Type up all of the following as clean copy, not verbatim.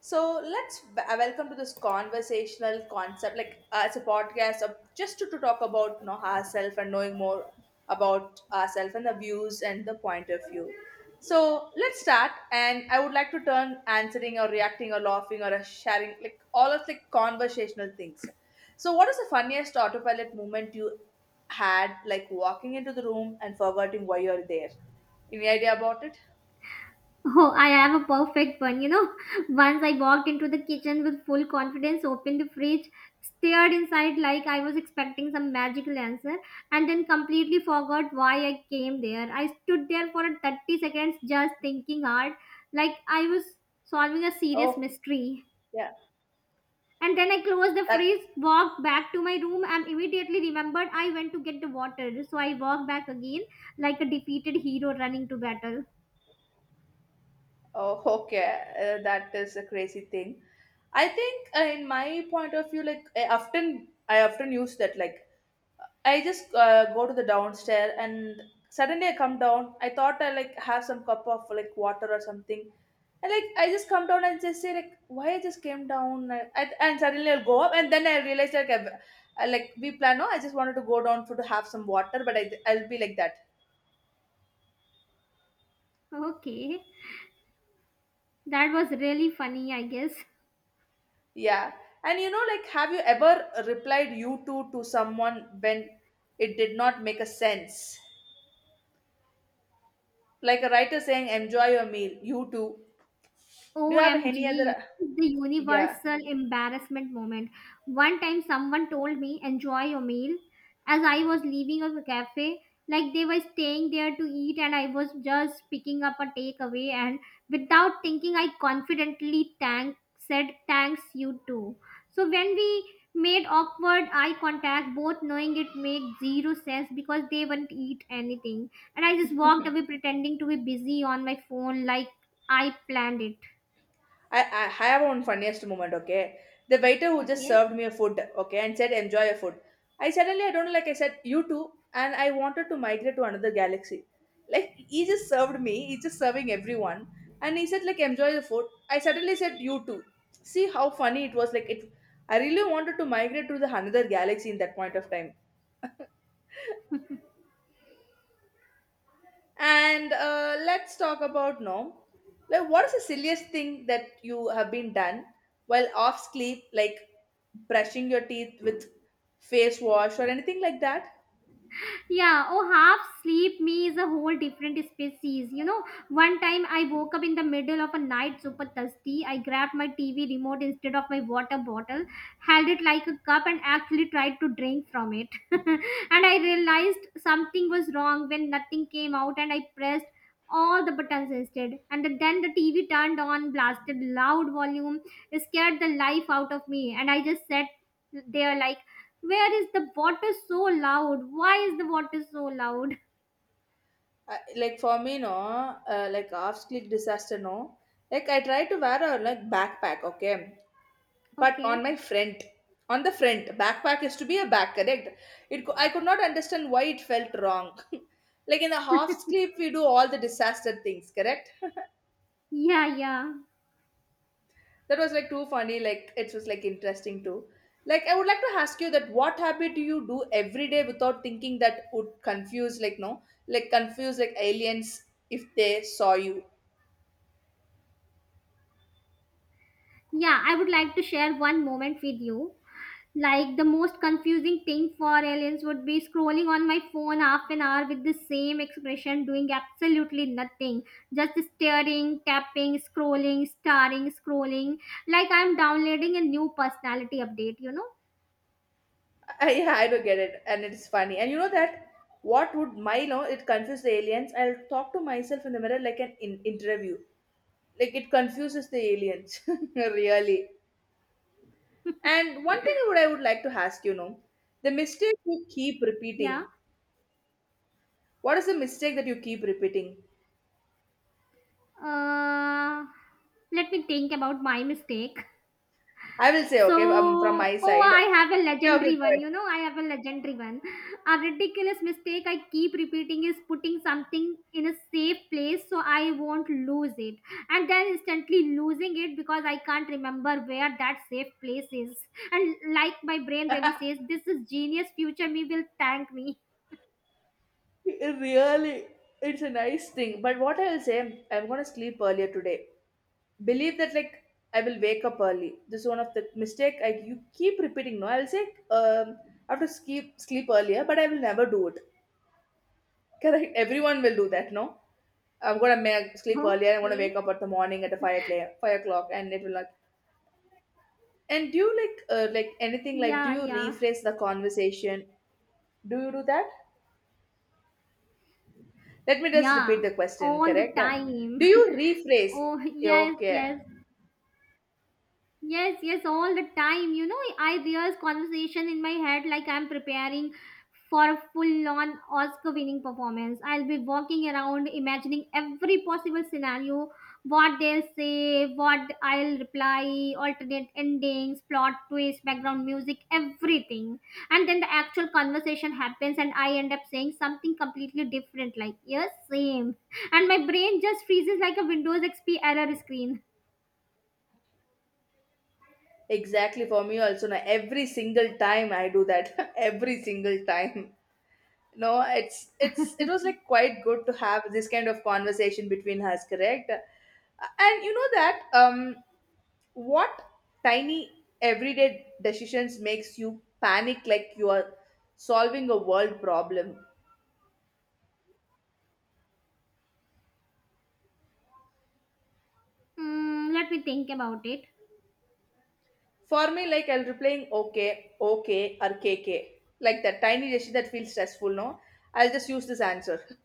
So let's welcome to this conversational concept, like it's a podcast of just to talk about you know, ourselves and knowing more about ourselves and the views and the point of view. So let's start, and I would like to turn answering or reacting or laughing or sharing like all of like conversational things. So what is the funniest autopilot moment you had, like walking into the room and forgetting why you're there? Any idea about it? Oh, I have a perfect one. You know, once I walked into the kitchen with full confidence, opened the fridge, stared inside like I was expecting some magical answer, and then completely forgot why I came there. I stood there for 30 seconds just thinking hard, like I was solving a serious Oh, mystery. yeah, And then I closed the that fridge, walked back to my room, and immediately remembered I went to get the water. So I walked back again, like a defeated hero running to battle. Oh, okay. That is a crazy thing. I think, in my point of view, like I often use that. Like I just go to the downstairs, and suddenly I come down. I thought I like have some cup of like water or something, and like I just come down and just say like, why I just came down, and suddenly I'll go up, and then I realize like I like we plan. No, I just wanted to go down for to have some water, but I'll be like that. Okay. That was really funny, I guess. Yeah. And you know, like, have you ever replied you too to someone when it did not make a sense? Like a writer saying, enjoy your meal, you too. Do you have any OMG, other? the Yeah. universal embarrassment moment. One time someone told me, enjoy your meal, as I was leaving a cafe. Like they were staying there to eat, and I was just picking up a takeaway. And without thinking, I confidently said, Thanks, you too. So when we made awkward eye contact, both knowing it made zero sense because they wouldn't eat anything. And I just walked away pretending to be busy on my phone, like I planned it. I have one funniest moment, okay? The waiter who just Okay. served me a food, okay, and said, enjoy your food. I don't know, like I said, you too, and I wanted to migrate to another galaxy. Like, he just served me, he's just serving everyone, and he said, like, enjoy the food. I suddenly said, you too. See how funny it was, like, it. I really wanted to migrate to the another galaxy in that point of time. And let's talk about no. Like, what is the silliest thing that you have been done while off sleep, like brushing your teeth with face wash or anything like that? Yeah. Oh, half sleep me is a whole different species. You know, one time I woke up in the middle of a night super thirsty. I grabbed my TV remote instead of my water bottle, held it like a cup, and actually tried to drink from it. And I realized something was wrong when nothing came out, and I pressed all the buttons listed, and then the TV turned on, blasted loud volume. It scared the life out of me, and I just sat there like, where is the water so loud? Why is the water so loud? I, like for me, no, like off sleep disaster, no. Like I try to wear a like backpack, okay, but Okay. on my front, on the front, backpack is to be a back, correct? I could not understand why it felt wrong. like in the half sleep, we do all the disaster things, correct? Yeah, yeah. That was like too funny. Like it was like interesting too. Like I would like to ask you that what habit do you do every day without thinking that would confuse like no like confuse like aliens if they saw you. Yeah, I would like to share one moment with you. Like the most confusing thing for aliens would be scrolling on my phone half an hour with the same expression, doing absolutely nothing, just staring, tapping, scrolling, starring, scrolling. Like I'm downloading a new personality update, you know? I yeah, I don't get it and it's funny and you know that what would my no it confuse the aliens. I'll talk to myself in the mirror like an interview. Like it confuses the aliens really. And one thing I would like to ask you know the mistake you keep Yeah. repeating. What is the mistake that you keep repeating? Uh, Let me think about my mistake. I will say, So, okay, from my oh, side. I have a Yeah, okay, legendary one. go You know, I have a legendary one. A ridiculous mistake I keep repeating is putting something in a safe place so I won't lose it. And then instantly losing it because I can't remember where that safe place is. And like my brain really says, this is genius, future me will thank me. ahead. It Really, it's a nice thing. But what I will say, I'm gonna sleep earlier today. Believe that, like, I will wake up early. This is one of the mistake I you keep repeating. No, I will say, um, I have to sleep earlier, but I will never do it. Correct? Everyone will do that. No, I'm gonna make, sleep earlier. I'm gonna Okay. wake up at the morning at the 5 o'clock, 5 o'clock, and it will like. And do you like anything like? Do Yeah, you yeah. rephrase the conversation? Do you do that? Let me just repeat Yeah. the question, All the correct? time. Do you rephrase? Oh, Yeah, yes, okay, yes. Yes, yes, all the time. You know, I rehearse conversation in my head like I'm preparing for a full-on Oscar-winning performance. I'll be walking around imagining every possible scenario, what they'll say, what I'll reply, alternate endings, plot twist, background music, everything. And then the actual conversation happens and I end up saying something completely different, like, yes, same. And my brain just freezes like a Windows XP error screen. exactly. For me also, now every single time I do that, every single time. No, it's it was like quite good to have this kind of conversation between us, correct? And you know that what tiny everyday decisions makes you panic like you are solving a world problem. Hmm, let me think about it. For me, like I'll be playing okay, okay, or K K, like that tiny gesture that feels stressful, no? I'll just use this answer.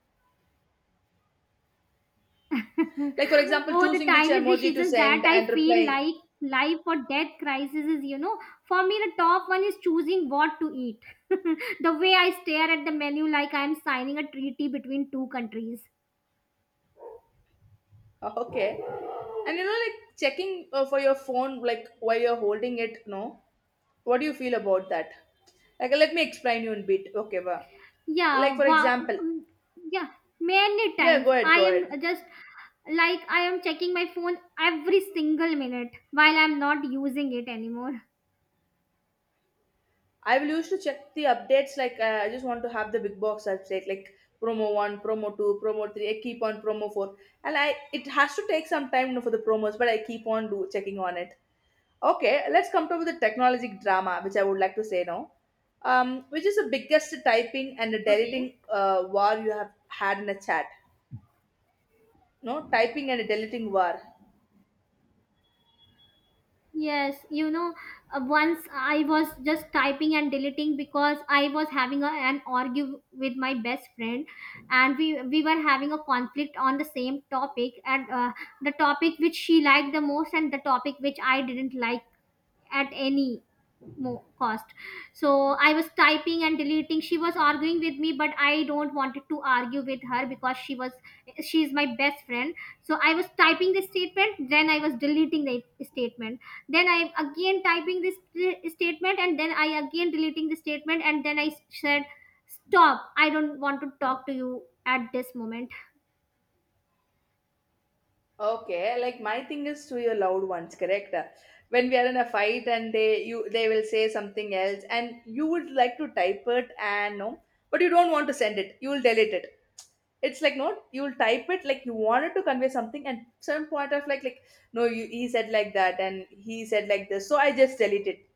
Like, for example, Oh, the choosing which tiny emoji to decisions that send I and feel replying, like life or death crisis is, you know, for me, the top one is choosing what to eat. The way I stare at the menu like I'm signing a treaty between two countries. okay. And you know, like checking for your phone, like while you're holding it, no? What do you feel about that? Like, let me explain you in bit, okay? Well, like, Yeah, for wow. example, Mm, yeah, many yeah, times I go ahead. am just like I am checking my phone every single minute while I'm not using it anymore. I will used to check the updates like I just want to have the big box update like promo one, promo two, promo three. I keep on promo four, and I it has to take some time you know, for the promos, but I keep on do checking on it. Okay, let's come to the technologic drama, which I would like to say now, which is the biggest typing and Okay. deleting war you have had in a chat. No typing and deleting war. Yes, you know, once I was just typing and deleting because I was having an argue with my best friend, and we were having a conflict on the same topic, and the topic which she liked the most, and the topic which I didn't like at any more cost. So I was typing and deleting. She was arguing with me, but I don't wanted to argue with her because she is my best friend. So I was typing the statement, then I was deleting the statement, then I am again typing this statement, and then I again deleting the statement, and then I said, stop, I don't want to talk to you at this moment. Okay, like my thing is to your loved ones, correct? When we are in a fight and they you they will say something else and you would like to type it and no, but you don't want to send it. You will delete it. It's like no, you will type it like you wanted to convey something and some point of like no, you he said like that and he said like this, so I just delete it.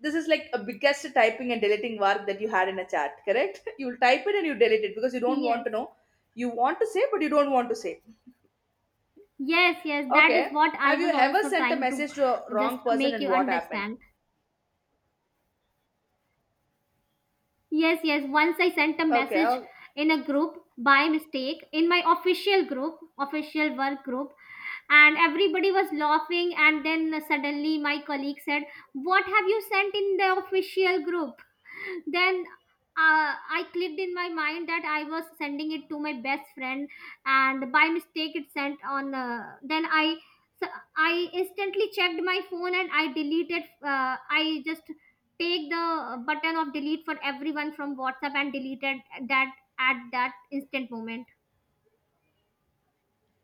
This is like a biggest typing and deleting work that you had in a chat, correct? You will type it and you delete it because you don't want Yes, to know. You want to say but you don't want to say yes, yes, that is Okay. what I Have you was ever also sent a trying to message to a just wrong person make and you what happened? understand. Yes, yes. Once I sent a Okay, message in a group by mistake in my official group, official work group, and everybody was laughing. And then suddenly my colleague said, What have you sent in the official group? Then I clicked in my mind that I was sending it to my best friend, and by mistake it sent on . Uh, then I so I instantly checked my phone and I deleted, I just take the button of delete for everyone from WhatsApp and deleted that at that instant moment.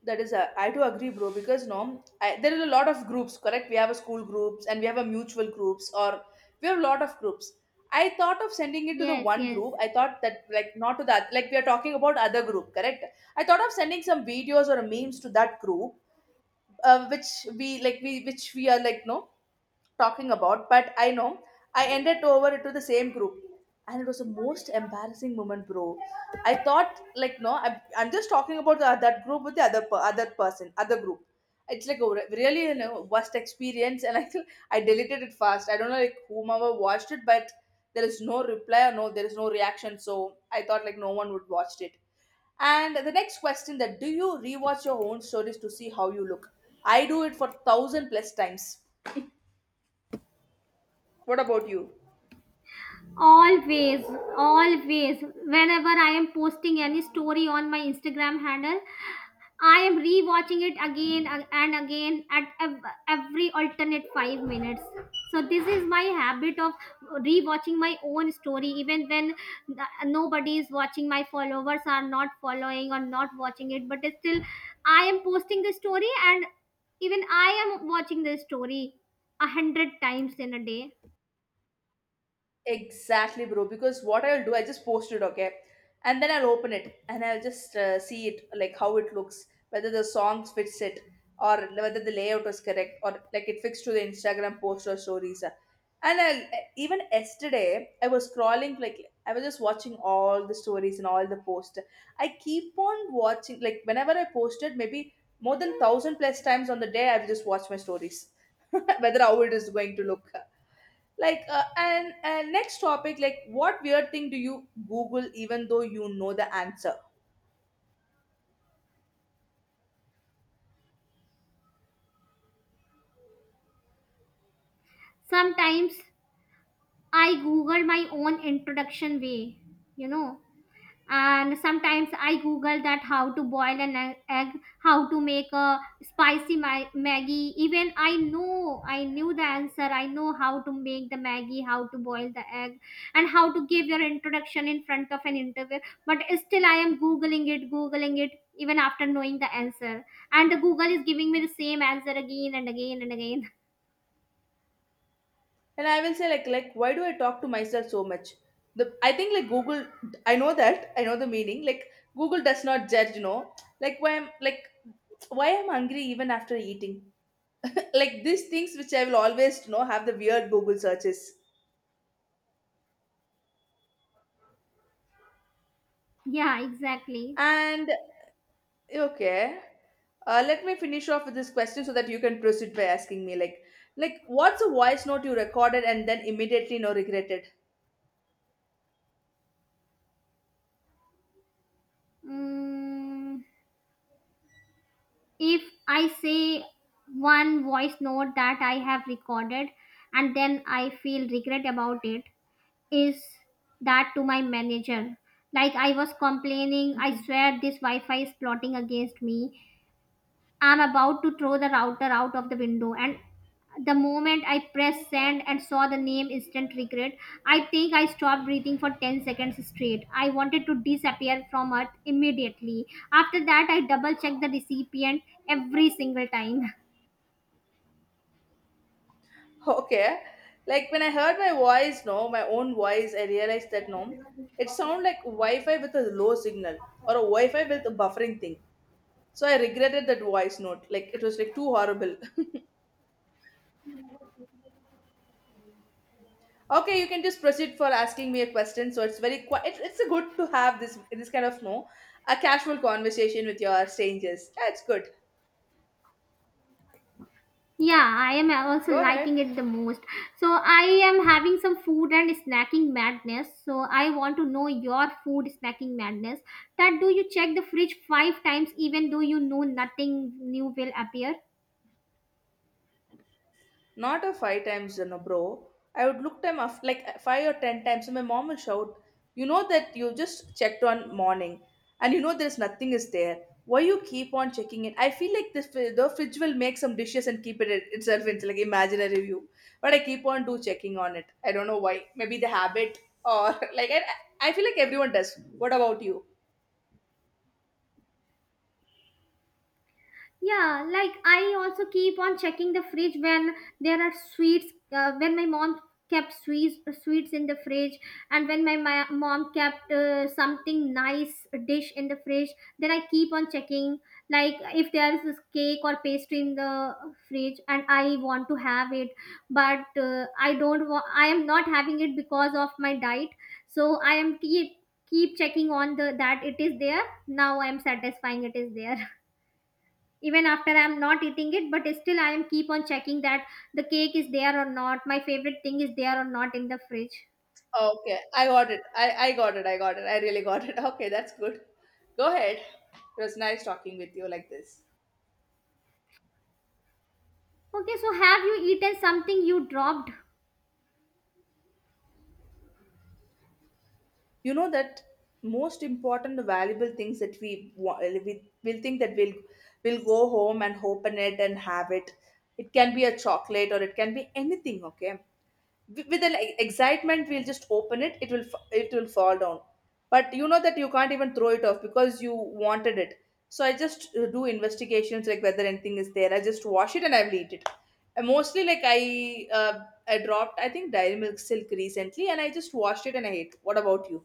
that is, a, I do agree, bro, because no, I, there is a lot of groups, correct? We have a school groups and we have a mutual groups or we have a lot of groups. I thought of sending it to the Yes, one yes. group. I thought that, like, not to that, like, we are talking about other group, correct? I thought of sending some videos or memes to that group, which which we are, like, no, talking about, but I know I ended over to the same group, and it was the most embarrassing moment, bro. I thought like no, I'm just talking about that group with the other person, other group. It's like a really you know, worst experience, and I feel I deleted it fast. I don't know like whomever watched it, but there is no reply or no, there is no reaction. So I thought like no one would watch it. And the next question that do you rewatch your own stories to see how you look? I do it for thousand plus times. What about you? Always, always, whenever I am posting any story on my Instagram handle, I am rewatching it again and again at every alternate 5 minutes. So this is my habit of rewatching my own story, even when n- nobody is watching. My followers are not following or not watching it, but still, I am posting the story, and even I am watching the story 100 times in a day. Exactly, bro. Because what I'll do, I just post it, okay? And then I'll open it and I'll just see it, like how it looks, whether the songs fits it or whether the layout was correct or like it fits to the Instagram post or stories. And I'll, e, even yesterday, I was scrolling, like I was just watching all the stories and all the posts. I keep on watching, like whenever I posted, maybe more than thousand plus times on the day, I've just watched my stories, whether how it is going to look like and next topic like what weird thing do you google even though you know the answer Sometimes I Google my own introduction way, you know. And sometimes I Google that how to boil an egg, how to make a spicy Maggie. Even I know, I knew the answer. I know how to make the Maggie, how to boil the egg, and how to give your introduction in front of an interview. But still, I am Googling it, even after knowing the answer. And the Google is giving me the same answer again and again and again. and I will say like why do I talk to myself so much the I think like google I know that I know the meaning like google does not judge you know like why I'm like why I'm hungry even after eating like these things which I will always you know have the weird google searches Yeah, exactly. and Okay. Let me finish off with this question so that you can proceed by asking me like what's a voice note you recorded and then immediately no regretted? Mm. If I say one voice note that I have recorded and then I feel regret about it, is that to my manager? Like I was complaining, I Mhm. swear this Wi Fi is plotting against me. I'm about to throw the router out of the window, and the moment I pressed send and saw the name, instant regret. I think I stopped breathing for 10 seconds straight. I wanted to disappear from earth immediately. After that, I double checked the recipient every single time. Okay. Like when I heard my voice, no, my own voice, I realized that no, it sounded like Wi-Fi with a low signal or a Wi-Fi with a buffering thing. So I regretted that voice note. Like it was like too horrible. Okay, you can just proceed for asking me a question. So it's very it's a good to have this this kind of no a casual conversation with your strangers. That's good. Yeah, I am also Go ahead. liking it the most. So I am having some food and snacking madness. So I want to know your food snacking madness. That do you check the fridge 5 times even though you know nothing new will appear? Not a five times, you know, bro. I would look them up like five or ten times, and my mom will shout, "You know that you just checked one morning, and you know there's nothing is there. Why you keep on checking it? I feel like this the fridge will make some dishes and keep itself into like imaginary view, but I keep on do checking on it. I don't know why. Maybe the habit or like I feel like everyone does. What about you? Yeah, like I also keep on checking the fridge when there are sweets. When my mom kept sweets in the fridge, and when my mom kept something nice dish in the fridge, then I keep on checking. Like if there is this cake or pastry in the fridge, and I want to have it, but I don't. Wa- I am not having it because of my diet. So I am keep checking on the that it is there. Now I am satisfying it is there. Even after I'm not eating it, but still I am keep on checking that the cake is there or not, my favorite thing is there or not in the fridge. Okay, I got it. I got it. I got it. I really got it. Okay, that's good. Go ahead. It was nice talking with you like this. Okay, so have you eaten something you dropped? You know that most important valuable things that we will think that we'll go home and open it and have it. It can be a chocolate or it can be anything. Okay, with an excitement we'll just open it. It will it will fall down, but you know that you can't even throw it off because you wanted it. So I just do investigations like whether anything is there. I just wash it and I will eat it. And mostly like uh, I dropped, I think, dairy milk silk recently, and I just washed it and I ate. What about you?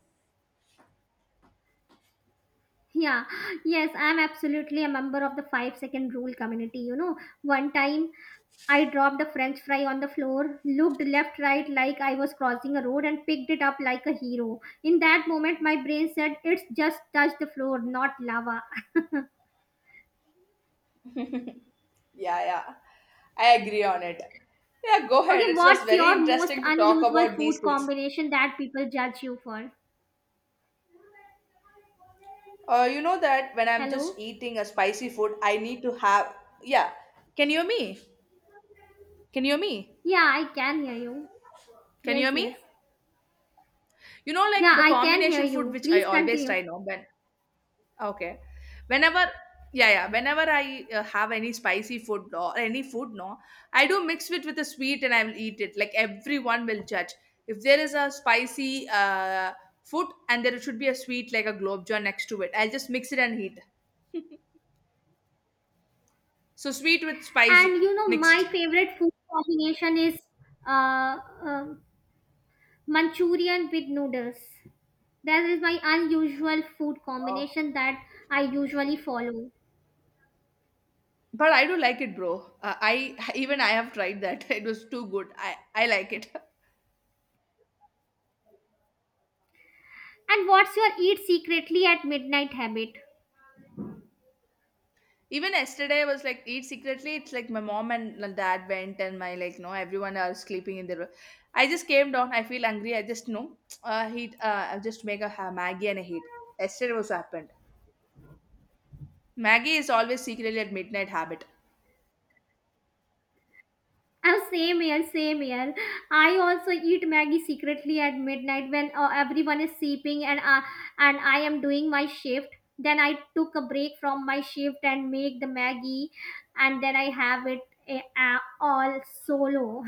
Yeah, yes, I'm absolutely a member of the 5-second rule community. You know, one time I dropped a french fry on the floor, looked left right like I was crossing a road, and picked it up like a hero. In that moment, my brain said, It's just touched the floor, not lava. Yeah, yeah. I agree on it. Yeah, go ahead. Okay, It was what's very your most interesting to talk unusual about these food things. combination that people judge you for? You know that when I'm just Hello? eating a spicy food, I need to have. Yeah. Can you hear me? Can you hear me? Yeah, I can hear you. Can you Yes, hear me? yes. You know, like Yeah, the I can hear combination food you. which I Please always continue. try now when. Okay. Whenever, yeah, yeah. Whenever I have any spicy food or any food, no, I do mix it with a sweet and I will eat it. Like everyone will judge. If there is a spicy food and there should be a sweet like a globe jar next to it, I'll just mix it and eat. So sweet with spicy And you know, my mixed. favorite food combination is uh, uh, Manchurian with noodles. That is my unusual food Oh. combination that I usually follow. But I do like it, bro. I even I have tried that. It was too good. I like it. And what's your eat secretly at midnight habit? Even yesterday, I was like, eat secretly. It's like my mom and my dad went, and my like, no, everyone are sleeping in their room. I just came down. I feel hungry. I just no, heat. I just make a Maggie and a heat. Yesterday was happened. Maggie is always secretly at midnight habit. Oh, same here, same here. I also eat Maggie secretly at midnight when everyone is sleeping and I am doing my shift. Then I took a break from my shift and make the Maggie, and then I have it all solo.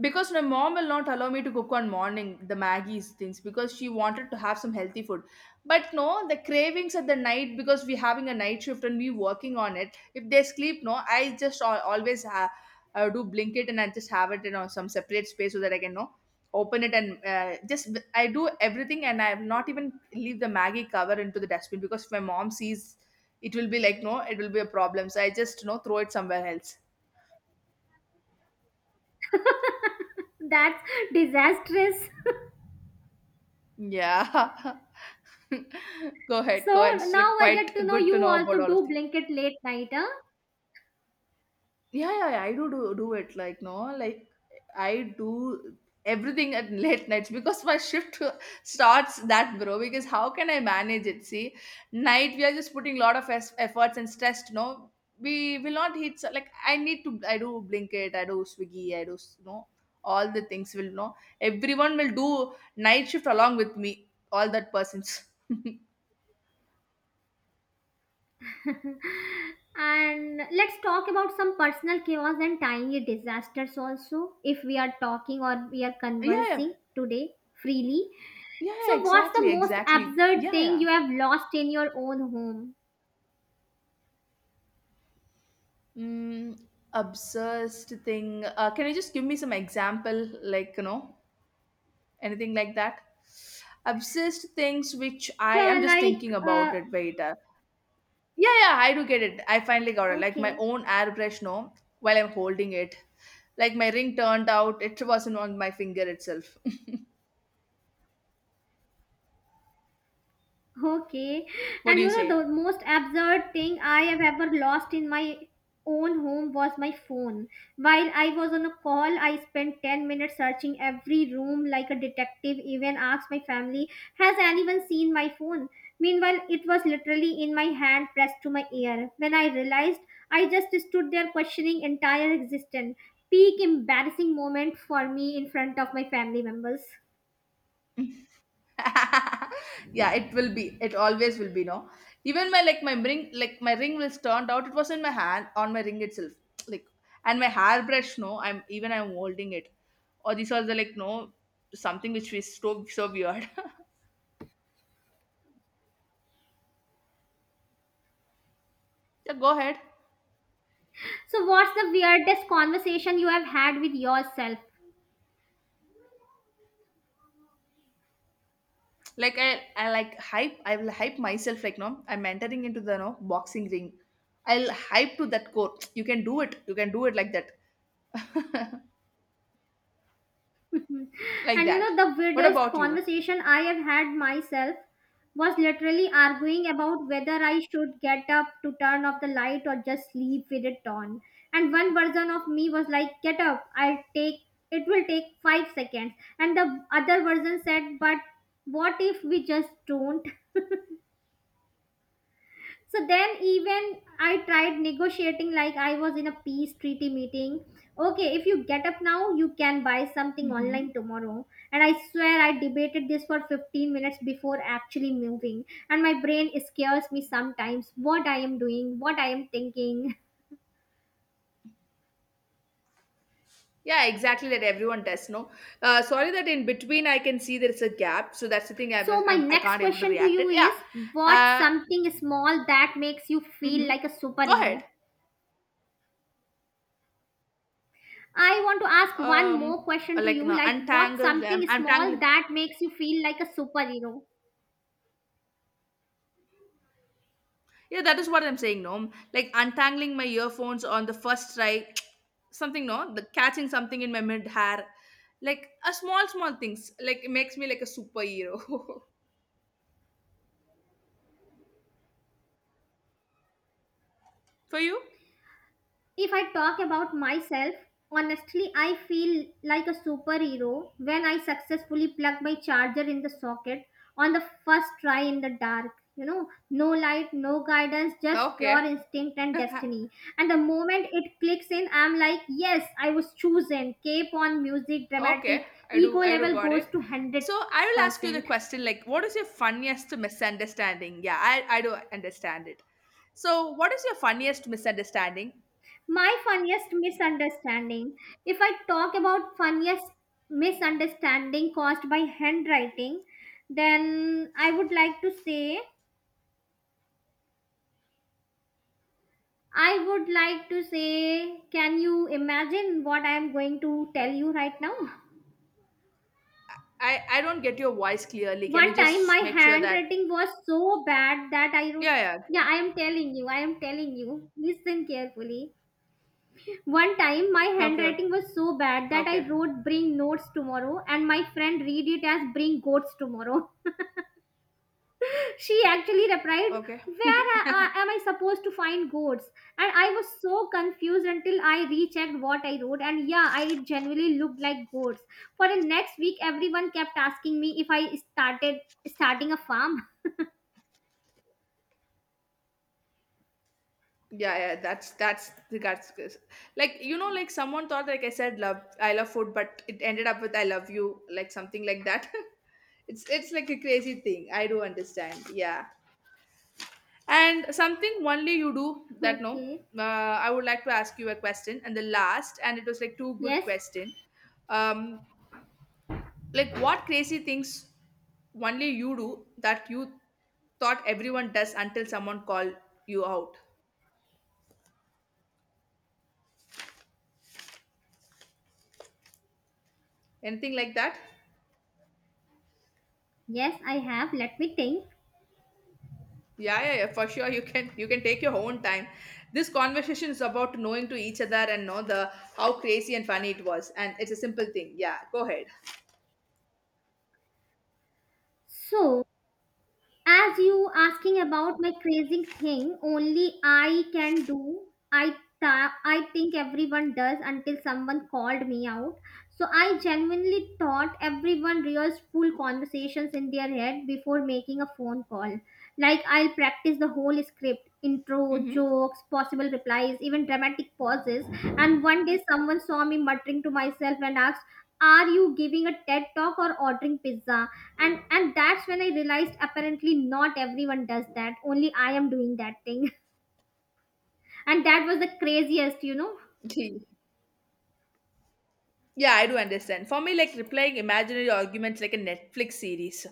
Because my mom will not allow me to cook on morning the Maggie's things because she wanted to have some healthy food, but no, the cravings at the night because we having a night shift and we working on it. If they sleep, no, I just always do blink it, and I just have it in some separate space so that I can know open it and just I do everything, and I have not even leave the Maggie cover into the dustbin because if my mom sees, it will be like no, it will be a problem. So I just, you know, throw it somewhere else. That's disastrous. Yeah. Go ahead, So go ahead. It's now like I get to quite know good to you know about also all of do these. blanket late night, huh? Yeah, yeah, yeah. I do, do it. Like no, like I do everything at late nights because my shift starts that bro. Because how can I manage it? See, night we are just putting a lot of efforts and stress. No, we will not hit. So, like I need to. I do Blinkit. I do Swiggy. I do no all the things will know. Everyone will do night shift along with me. All that persons. And let's talk about some personal chaos and tiny disasters also, if we are talking or we are Yeah, yeah. conversing today freely. Yeah, yeah, So, what's the exactly, most exactly. absurd Yeah, thing yeah. you have lost in your own home? Mm, obsessed thing. Can you just give me some example, like you know, anything like that? Obsessed things which I Yeah, am just thinking about it. Wait, yeah, yeah, I do get it. I finally got it. Like my okay. own airbrush, no, while I'm holding it, like my ring turned out, it wasn't on my finger itself. Okay. What And do you you know, say? the most absurd thing I have ever lost in my own home was my phone. While I was on a call, I spent 10 minutes searching every room like a detective, even asked my family, Has anyone seen my phone? Meanwhile, it was literally in my hand pressed to my ear. When I realized, I just stood there questioning entire existence. Peak embarrassing moment for me in front of my family members. Yeah, it will be, it always will be, no, even my like my ring, like my ring was turned out, it was in my hand on my ring itself. Like and my hairbrush, no, I'm even I'm holding it. Or these are the like no, something which is so so weird. Yeah, go ahead. So, what's the weirdest conversation you have had with yourself? Like I like hype, I will hype myself like no, I'm entering into the no boxing ring. I'll hype to that core. You can do it, you can do it, like that, like And you that. know, the What weirdest about you? conversation I have had myself was literally arguing about whether I should get up to turn off the light or just leave with it on. And one version of me was like, get up, I'll take it will take 5 seconds. And the other version said, but what if we just don't? So then even I tried negotiating like I was in a peace treaty meeting. Okay, if you get up now, you can buy something Mm-hmm. online tomorrow. And I swear I debated this for 15 minutes before actually moving. And my brain scares me sometimes what I am doing, what I am thinking. Yeah, exactly that everyone does. No, sorry that in between I can see there's a gap, so that's the thing I So was my I next can't able to question to react you it. Yeah, is, what's uh, something small that makes you feel mm-hmm. like a Go ahead. superhero? I want to ask one Um, more question to like you, no, like what's untangle something them. small Untangling. that makes you feel like a superhero? Yeah, that is what I'm saying. No, like untangling my earphones on the first try, something. No, the catching something in my mid hair, like a small small things. Like it makes me like a superhero. For you? If I talk about myself, honestly, I feel like a superhero when I successfully plug my charger in the socket on the first try in the dark. You know, no light, no guidance, just pure Okay. instinct and destiny. And the moment it clicks in, I'm like, yes, I was chosen. Cape on, music dramatic, Okay, ego I do level got goes it. to So I will ask you the 100%. question like what is your funniest misunderstanding? Yeah, I do understand it. So what is your funniest misunderstanding? My funniest misunderstanding. If I talk about funniest misunderstanding caused by handwriting, then I would like to say, can you imagine what I am going to tell you right now? I don't get your voice clearly. Can you One time my just make sure that handwriting was so bad that I wrote, yeah, yeah. yeah, I am telling you, listen carefully. One time, my Okay. handwriting was so bad that Okay. I wrote bring notes tomorrow, and my friend read it as bring goats tomorrow. She actually replied, Okay. where am I supposed to find goats? And I was so confused until I rechecked what I wrote, and yeah, I genuinely looked like goats. For the next week, everyone kept asking me if I started starting a farm. Yeah, yeah, that's the guts. Like you know, like someone thought like I said love I love food, but it ended up with I love you, like something like that. It's like a crazy thing. I do understand. Yeah. And something only you do that no. Okay. I would like to ask you a question, and the last, and it was like two good Yes, question. Um, like what crazy things only you do that you thought everyone does until someone called you out? Anything like that? yes, I have. Let me think. Yeah, yeah, yeah. For sure, you can take your own time. This conversation is about knowing to each other and know the how crazy and funny it was, and it's a simple thing. Yeah, go ahead. So, as you asking about my crazy thing, only I can do. I I think everyone does until someone called me out. So I genuinely thought everyone rehearsed full conversations in their head before making a phone call. Like I'll practice the whole script, intro, jokes, possible replies, even dramatic pauses. And one day someone saw me muttering to myself and asked, are you giving a TED talk or ordering pizza? And that's when I realized apparently not everyone does that. Only I am doing that thing. And that was the craziest, you know. Mm-hmm. Yeah, I do understand. For me, like replying imaginary arguments like a Netflix series.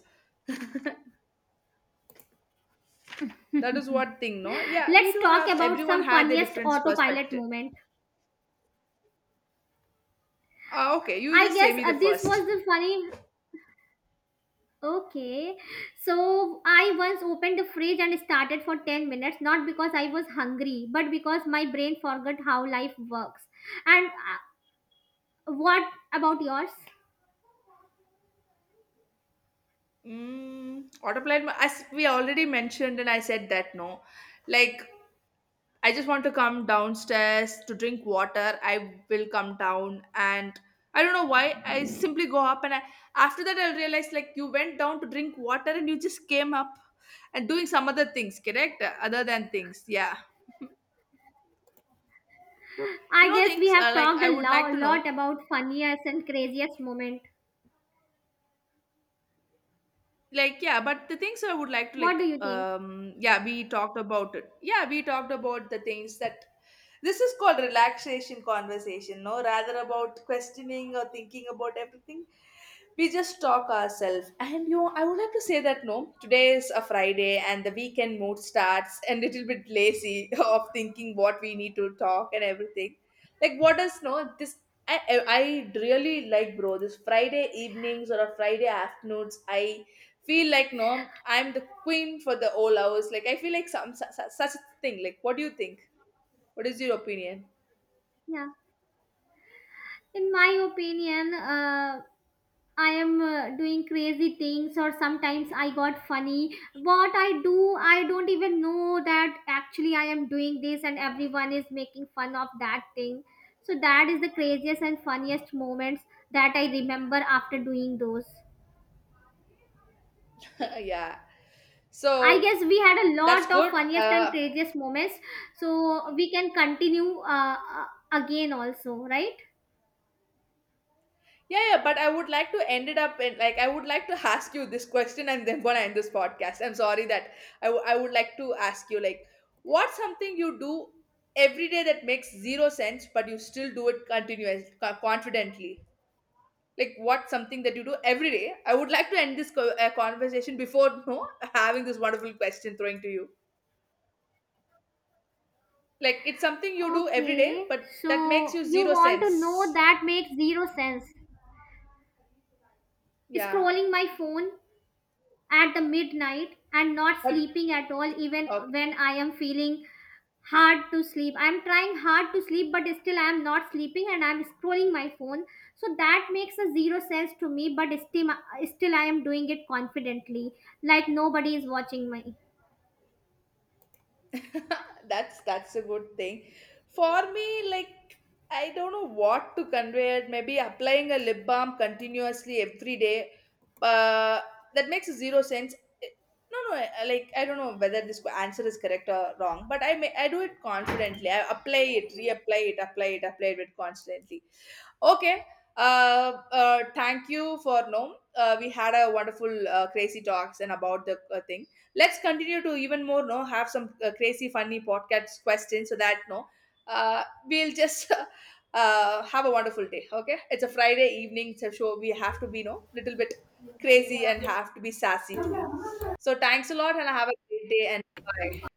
That is what thing, no? Yeah, Let's we do talk have about everyone some had their funniest different autopilot perspective. moment. Ah, okay, you I just say guess me the this was first. the funny. Okay, so I once opened the fridge and started for 10 minutes, not because I was hungry, but because my brain forgot how life works. And what about yours? Mm, autopilot, mo- as we already mentioned, and I said that no, like I just want to come downstairs to drink water. I will come down and I don't know why I simply go up after that I realize like you went down to drink water and you just came up and doing some other things, correct? Other than things, yeah. You I know guess we things have like talked a I would like to lot know about funniest and craziest moment. like yeah, but the things I would like to What do like you think? Yeah we talked about it. Yeah, we talked about the things that this is called relaxation conversation, no rather about questioning or thinking about everything. We just talk ourselves and you know, I would like to say that no today is a Friday and the weekend mood starts and little bit lazy of thinking what we need to talk and everything. Like what does no this I really like bro this Friday evenings or a Friday afternoons. I feel like no I'm the queen for the all hours, like I feel like some such a thing. Like what do you think, what is your opinion? Yeah, in my opinion, I am doing crazy things, or sometimes I got funny. What I do, I don't even know that actually I am doing this, and everyone is making fun of that thing. So that is the craziest and funniest moments that I remember after doing those. Yeah, I so guess we had a that's lot of good. funniest and craziest moments. So we can continue again also, right? Yeah, yeah, but I would like to end it up in like I would like to ask you this question and then gonna end this podcast. I'm sorry that I would like to ask you like what's something you do every day that makes zero sense but you still do it confidently. Like what's something that you do every day? I would like to end this conversation before no having this wonderful question throwing to you. Like it's something you do every day Okay. but that makes So you you zero want to know sense. that makes zero sense. Yeah. Scrolling my phone at the midnight and not But sleeping at all even when okay. I am feeling hard to sleep. I'm trying hard to sleep but still I'm not sleeping and I'm scrolling my phone, so that makes a zero sense to me. But still I am doing it confidently, like nobody is watching me. That's a good thing. For me, like I don't know what to convey it. Maybe applying a lip balm continuously every day. Uh, that makes zero sense. It- No, no, I- like I don't know whether this answer is correct or wrong, but I may I do it confidently. I apply it, reapply it, apply it, apply it constantly. Okay. Uh, thank you for no. We had a wonderful crazy talks and about the thing. Let's continue to even more no have some crazy funny podcast questions so that no we'll just have a wonderful day. Okay, it's a Friday evening, so so we have to be no little bit crazy and have to be sassy too. So thanks a lot and have a great day and bye.